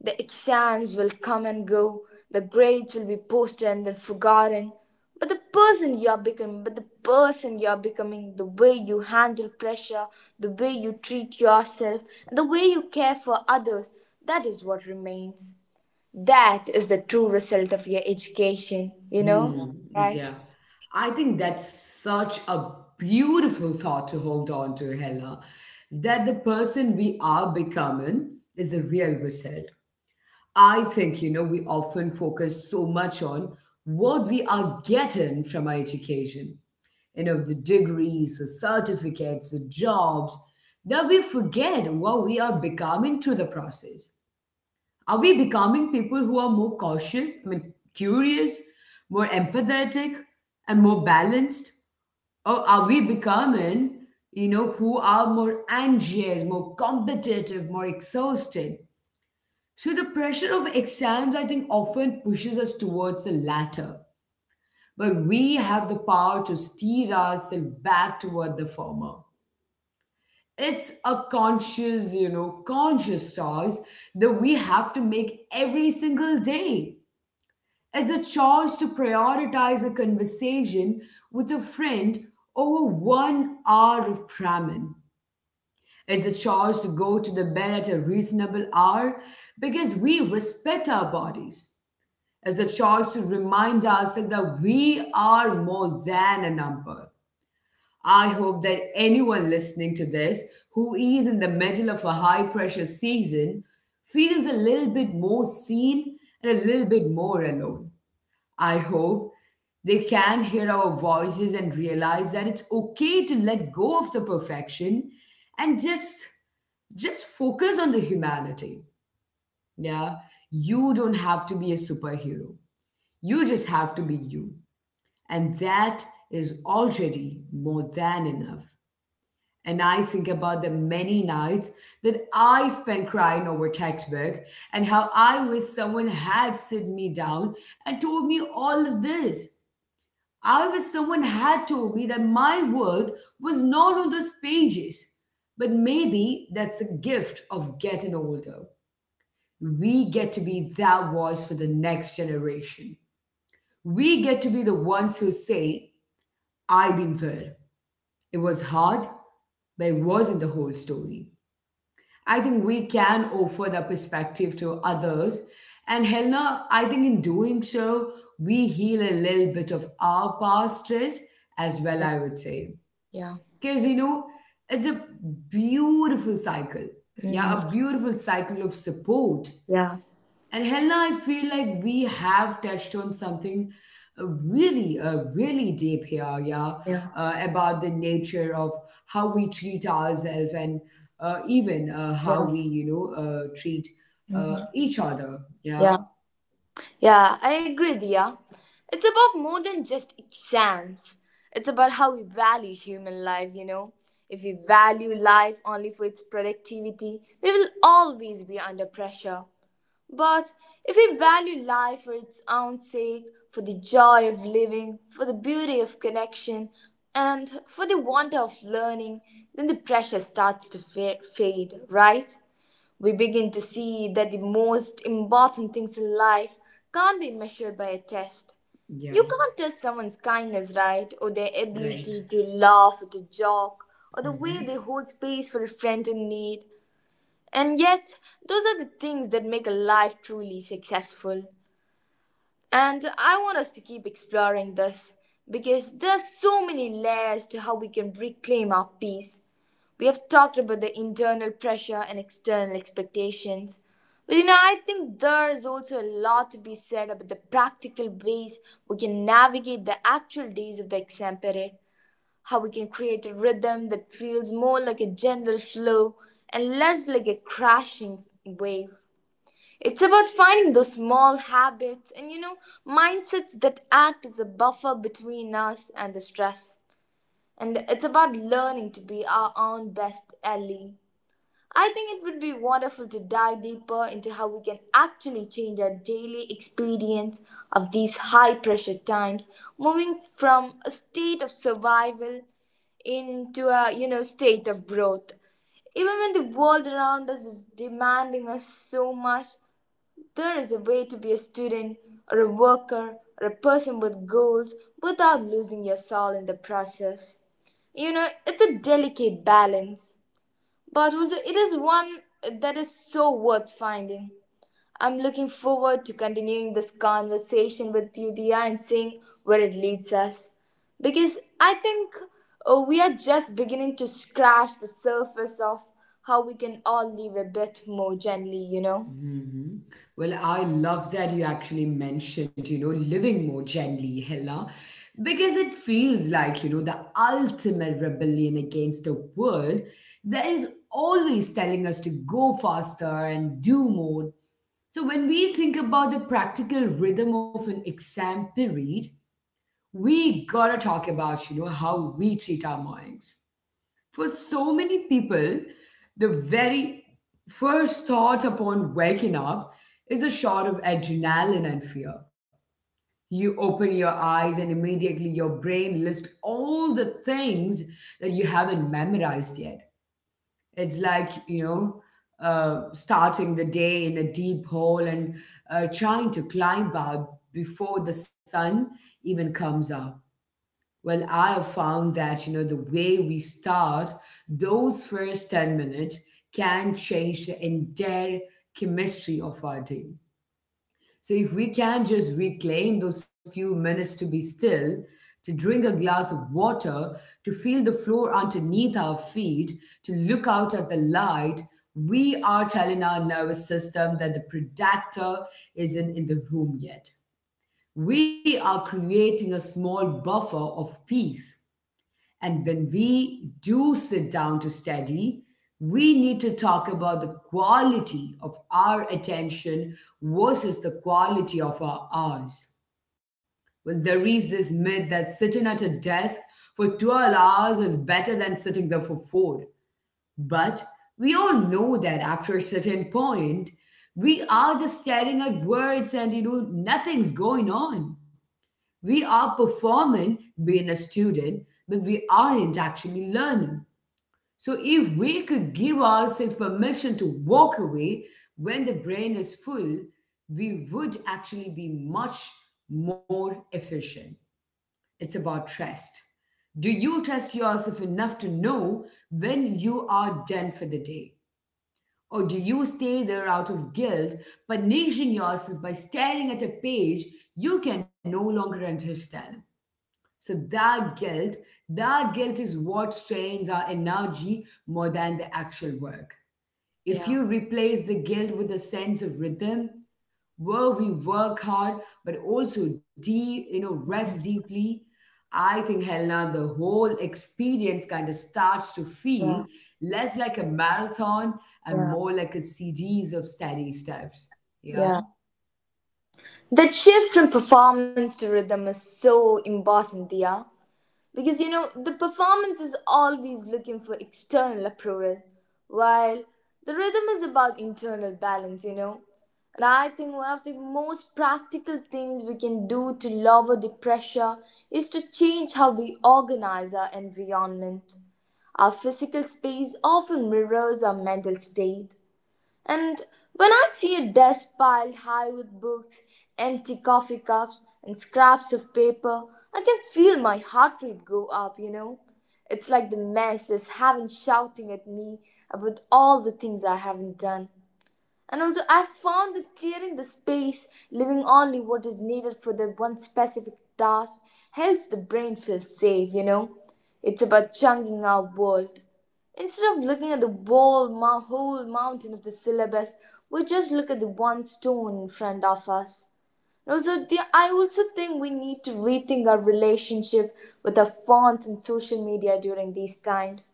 Speaker 2: The exams will come and go, the grades will be posted and then forgotten. But the person you are becoming, the way you handle pressure, the way you treat yourself, and the way you care for others, that is what remains. That is the true result of your education, you
Speaker 1: Hmm.
Speaker 2: know, right?
Speaker 1: Yeah. I think that's such a beautiful thought to hold on to, Hella, that the person we are becoming is the real result. I think, you know, we often focus so much on what we are getting from our education, the degrees, the certificates, the jobs, that we forget what we are becoming through the process. Are we becoming people who are more curious, more empathetic, and more balanced? Or are we becoming who are more anxious, more competitive, more exhausted? So the pressure of exams, I think, often pushes us towards the latter, but we have the power to steer ourselves back toward the former. It's a conscious choice that we have to make every single day. It's a choice to prioritize a conversation with a friend over 1 hour of cramming. It's a choice to go to the bed at a reasonable hour because we respect our bodies. It's a choice to remind ourselves that we are more than a number. I hope that anyone listening to this who is in the middle of a high pressure season feels a little bit more seen and a little bit more alone. I hope they can hear our voices and realize that it's okay to let go of the perfection and just focus on the humanity. Yeah. You don't have to be a superhero. You just have to be you. And that is already more than enough. And I think about the many nights that I spent crying over textbook and how I wish someone had sit me down and told me all of this. I wish someone had told me that my worth was not on those pages. But maybe that's a gift of getting older. We get to be that voice for the next generation. We get to be the ones who say, I've been there. It was hard, but it wasn't the whole story. I think we can offer that perspective to others. And Helena, I think in doing so, we heal a little bit of our past stress as well,
Speaker 2: Yeah.
Speaker 1: I would say.
Speaker 2: Yeah.
Speaker 1: Because, it's a beautiful cycle. Yeah, a
Speaker 2: Hmm.
Speaker 1: beautiful cycle of support.
Speaker 2: Yeah.
Speaker 1: And Helena, I feel like we have touched on something really, really deep here. Yeah,
Speaker 2: Yeah.
Speaker 1: about the nature of how we treat ourselves and even
Speaker 2: Yeah.
Speaker 1: how we treat
Speaker 2: Hmm.
Speaker 1: each other. Yeah,
Speaker 2: Yeah. Yeah, I agree, Dia. It's about more than just exams. It's about how we value human life, you know. If we value life only for its productivity, we will always be under pressure. But if we value life for its own sake, for the joy of living, for the beauty of connection, and for the wonder of learning, then the pressure starts to fade, right? We begin to see that the most important things in life can't be measured by a test.
Speaker 1: yeah,
Speaker 2: You can't test someone's kindness, right? Or their
Speaker 1: right.
Speaker 2: ability to laugh at a joke, or the
Speaker 1: Mm-hmm.
Speaker 2: way they hold space for a friend in need. And yet, those are the things that make a life truly successful. And I want us to keep exploring this because there are so many layers to how we can reclaim our peace. We have talked about the internal pressure and external expectations. But you know, I think there is also a lot to be said about the practical ways we can navigate the actual days of the exam period, how we can create a rhythm that feels more like a general flow and less like a crashing wave. It's about finding those small habits and you know mindsets that act as a buffer between us and the stress. And it's about learning to be our own best ally. I think it would be wonderful to dive deeper into how we can actually change our daily experience of these high pressure times, moving from a state of survival into a you know state of growth. Even when the world around us is demanding us so much, there is a way to be a student or a worker or a person with goals without losing your soul in the process. You know, it's a delicate balance but also, it is one that is so worth finding. I'm looking forward to continuing this conversation with you, Dia, and seeing where it leads us. Because I think we are just beginning to scratch the surface of how we can all live a bit more gently, you know?
Speaker 1: Hmm. Well, I love that you actually mentioned, you know, living more gently, Hella, because it feels like, you know, the ultimate rebellion against the world that is always telling us to go faster and do more. So when we think about the practical rhythm of an exam period, we gotta talk about, you know, how we treat our minds. For so many people, the very first thought upon waking up is a shot of adrenaline and fear. You open your eyes, and immediately your brain lists all the things that you haven't memorized yet. It's like, you know, starting the day in a deep hole and trying to climb out before the sun even comes up. Well, I have found that, you know, the way we start those first 10 minutes can change the entire chemistry of our day. So if we can just reclaim those few minutes to be still, to drink a glass of water, to feel the floor underneath our feet, to look out at the light, we are telling our nervous system that the predator isn't in the room yet. We are creating a small buffer of peace. And when we do sit down to study, we need to talk about the quality of our attention versus the quality of our hours. Well, there is this myth that sitting at a desk for 12 hours is better than sitting there for four. But we all know that after a certain point, we are just staring at words and you know, nothing's going on. We are performing being a student, but we aren't actually learning. So, if we could give ourselves permission to walk away when the brain is full, we would actually be much more efficient. It's about trust. Do you trust yourself enough to know when you are done for the day? Or do you stay there out of guilt, punishing yourself by staring at a page you can no longer understand? So that guilt is what strains our energy more than the actual work. If
Speaker 2: Yeah.
Speaker 1: you replace the guilt with a sense of rhythm, where we work hard but also deep, you know, rest deeply, I think Helena, the whole experience kind of starts to feel
Speaker 2: Yeah.
Speaker 1: less like a marathon and
Speaker 2: Yeah.
Speaker 1: more like a series of steady steps. Yeah.
Speaker 2: Yeah. That shift from performance to rhythm is so important, Dia. Because you know, the performance is always looking for external approval, while the rhythm is about internal balance, you know. And I think one of the most practical things we can do to lower the pressure is to change how we organize our environment. Our physical space often mirrors our mental state, and when I see a desk piled high with books, empty coffee cups, and scraps of paper, I can feel my heart rate go up, you know. It's like the mess is having shouting at me about all the things I haven't done. And also, I found that clearing the space, leaving only what is needed for the one specific task, helps the brain feel safe, you know? It's about chunking our world. Instead of looking at the whole, whole mountain of the syllabus, we just look at the one stone in front of us. And also, the, I also think we need to rethink our relationship with our phones and social media during these times.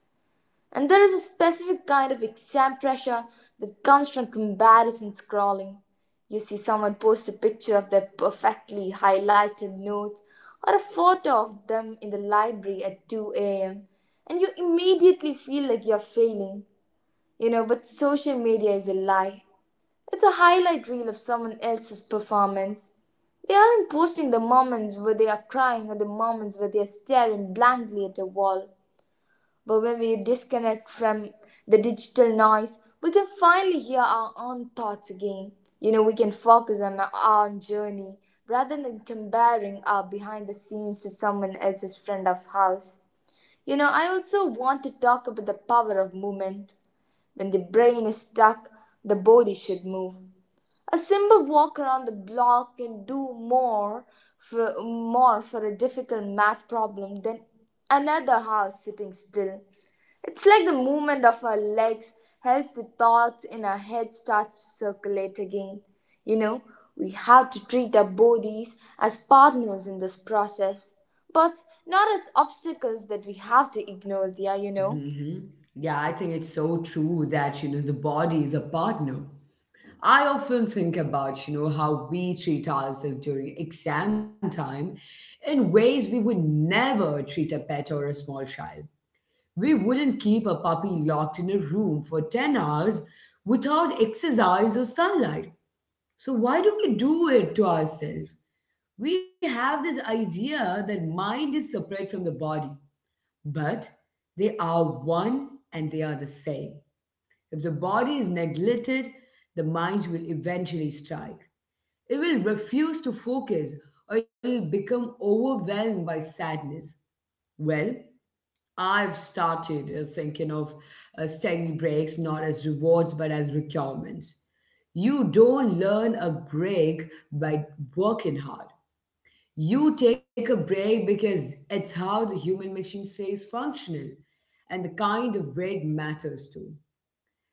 Speaker 2: And there is a specific kind of exam pressure that comes from comparison scrolling. You see someone post a picture of their perfectly highlighted notes or a photo of them in the library at 2 a.m. and you immediately feel like you're failing. You know, but social media is a lie. It's a highlight reel of someone else's performance. They aren't posting the moments where they are crying or the moments where they are staring blankly at a wall. But when we disconnect from the digital noise, we can finally hear our own thoughts again. You know, we can focus on our own journey rather than comparing our behind the scenes to someone else's friend of house. You know, I also want to talk about the power of movement. When the brain is stuck, the body should move. A simple walk around the block can do more more for a difficult math problem than another house sitting still. It's like the movement of our legs helps the thoughts in our head start to circulate again. You know, we have to treat our bodies as partners in this process, but not as obstacles that we have to ignore, dear, you know?
Speaker 1: Hmm. Yeah, I think it's so true that, you know, the body is a partner. I often think about, you know, how we treat ourselves during exam time in ways we would never treat a pet or a small child. We wouldn't keep a puppy locked in a room for 10 hours without exercise or sunlight. So why do we do it to ourselves? We have this idea that mind is separate from the body, but they are one and they are the same. If the body is neglected, the mind will eventually strike. It will refuse to focus or it will become overwhelmed by sadness. Well, I've started thinking of study breaks not as rewards but as requirements. You don't learn a break by working hard. You take a break because it's how the human machine stays functional, and the kind of break matters too.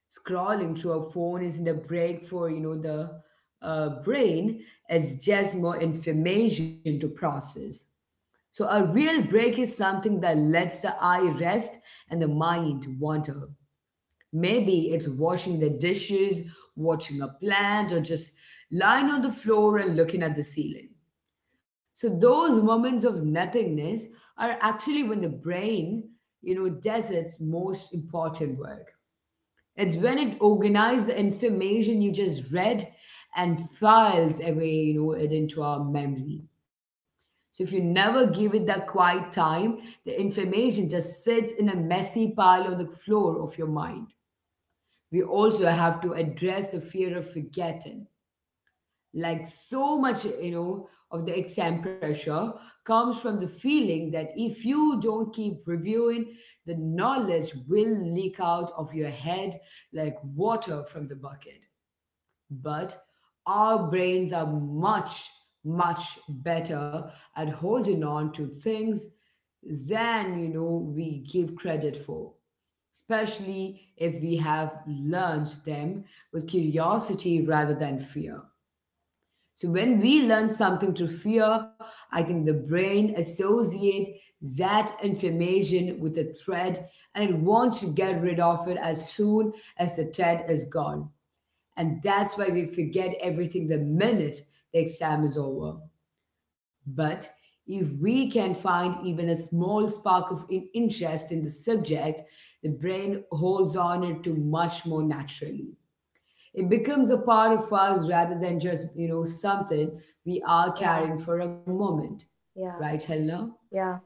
Speaker 1: Scrolling through a phone isn't a break for you know the brain, it's just more information to process. So a real break is something that lets the eye rest and the mind wander. Maybe it's washing the dishes, watching a plant, or just lying on the floor and looking at the ceiling. So those moments of nothingness are actually when the brain you know does its most important work. It's when it organizes the information you just read and files away it into our memory. So if you never give it that quiet time, the information just sits in a messy pile on the floor of your mind. We also have to address the fear of forgetting. Like so much of the exam pressure comes from the feeling that if you don't keep reviewing, the knowledge will leak out of your head like water from the bucket. But our brains are much better at holding on to things than we give credit for, especially if we have learned them with curiosity rather than fear. So when we learn something through fear, I think the brain associate that information with a threat and it wants to get rid of it as soon as the threat is gone. And that's why we forget everything the minute the exam is over. But if we can find even a small spark of interest in the subject, the brain holds on it to much more naturally. It becomes a part of us rather than just something we are
Speaker 2: Yeah,
Speaker 1: carrying for a moment. Right,
Speaker 2: yeah,
Speaker 1: Helena?
Speaker 2: yeah.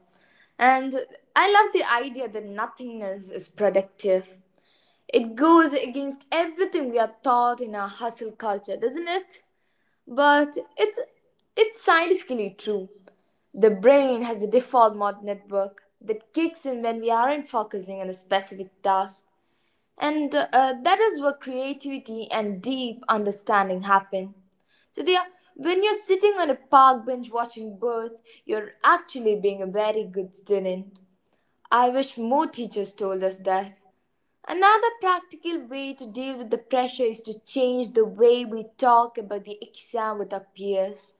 Speaker 2: And I love the idea that nothingness is productive. It goes against everything we are taught in our hustle culture, doesn't it? But it's scientifically true. The brain has a default mode network that kicks in when we aren't focusing on a specific task. And that is where creativity and deep understanding happen. So, dear, when you're sitting on a park bench watching birds, you're actually being a very good student. I wish more teachers told us that. Another practical way to deal with the pressure is to change the way we talk about the exam with our peers.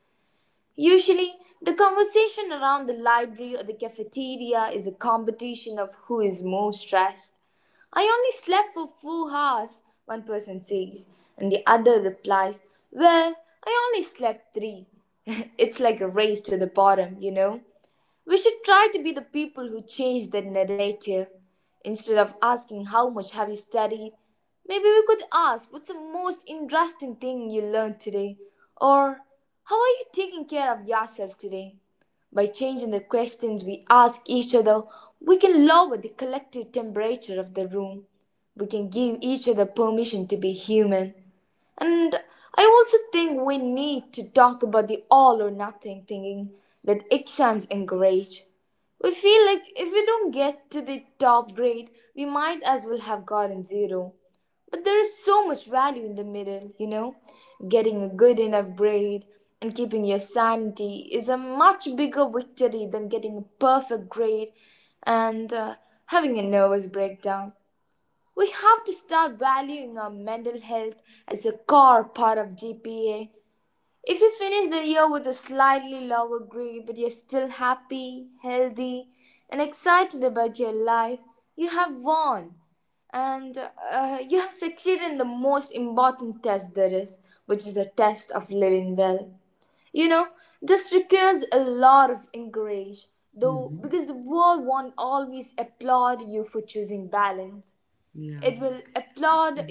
Speaker 2: Usually, the conversation around the library or the cafeteria is a competition of who is more stressed. "I only slept for 4 hours," one person says, and the other replies, "Well, I only slept three." [laughs] It's like a race to the bottom, you know? We should try to be the people who change the narrative. Instead of asking how much have you studied, maybe we could ask what's the most interesting thing you learned today, or how are you taking care of yourself today? By changing the questions we ask each other, we can lower the collective temperature of the room. We can give each other permission to be human. And I also think we need to talk about the all or nothing thinking that exams encourage. We feel like if we don't get to the top grade, we might as well have gotten zero. But there is so much value in the middle, you know? Getting a good enough grade and keeping your sanity is a much bigger victory than getting a perfect grade and having a nervous breakdown. We have to start valuing our mental health as a core part of GPA. If you finish the year with a slightly lower grade but you're still happy, healthy, and excited about your life, you have won. And you have succeeded in the most important test there is, which is a test of living well. You know, this requires a lot of encourage, though,
Speaker 1: Hmm.
Speaker 2: because the world won't always applaud you for choosing balance.
Speaker 1: Yeah.
Speaker 2: It will applaud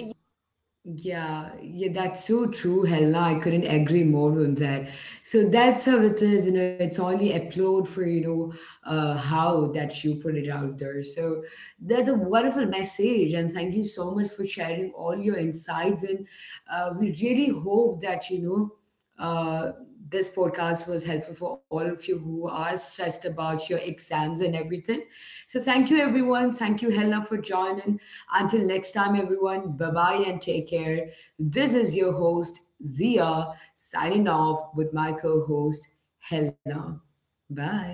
Speaker 1: Yeah, yeah, that's so true, Helena. I couldn't agree more on that. So that's how it is, you know, it's only applaud for, you know, how that you put it out there. So that's a wonderful message, and thank you so much for sharing all your insights. And we really hope that, you know, uh, this podcast was helpful for all of you who are stressed about your exams and everything. So thank you, everyone. Thank you, Helena, for joining. Until next time, everyone, bye bye and take care. This is your host, Zia, signing off with my co host, Helena. Bye.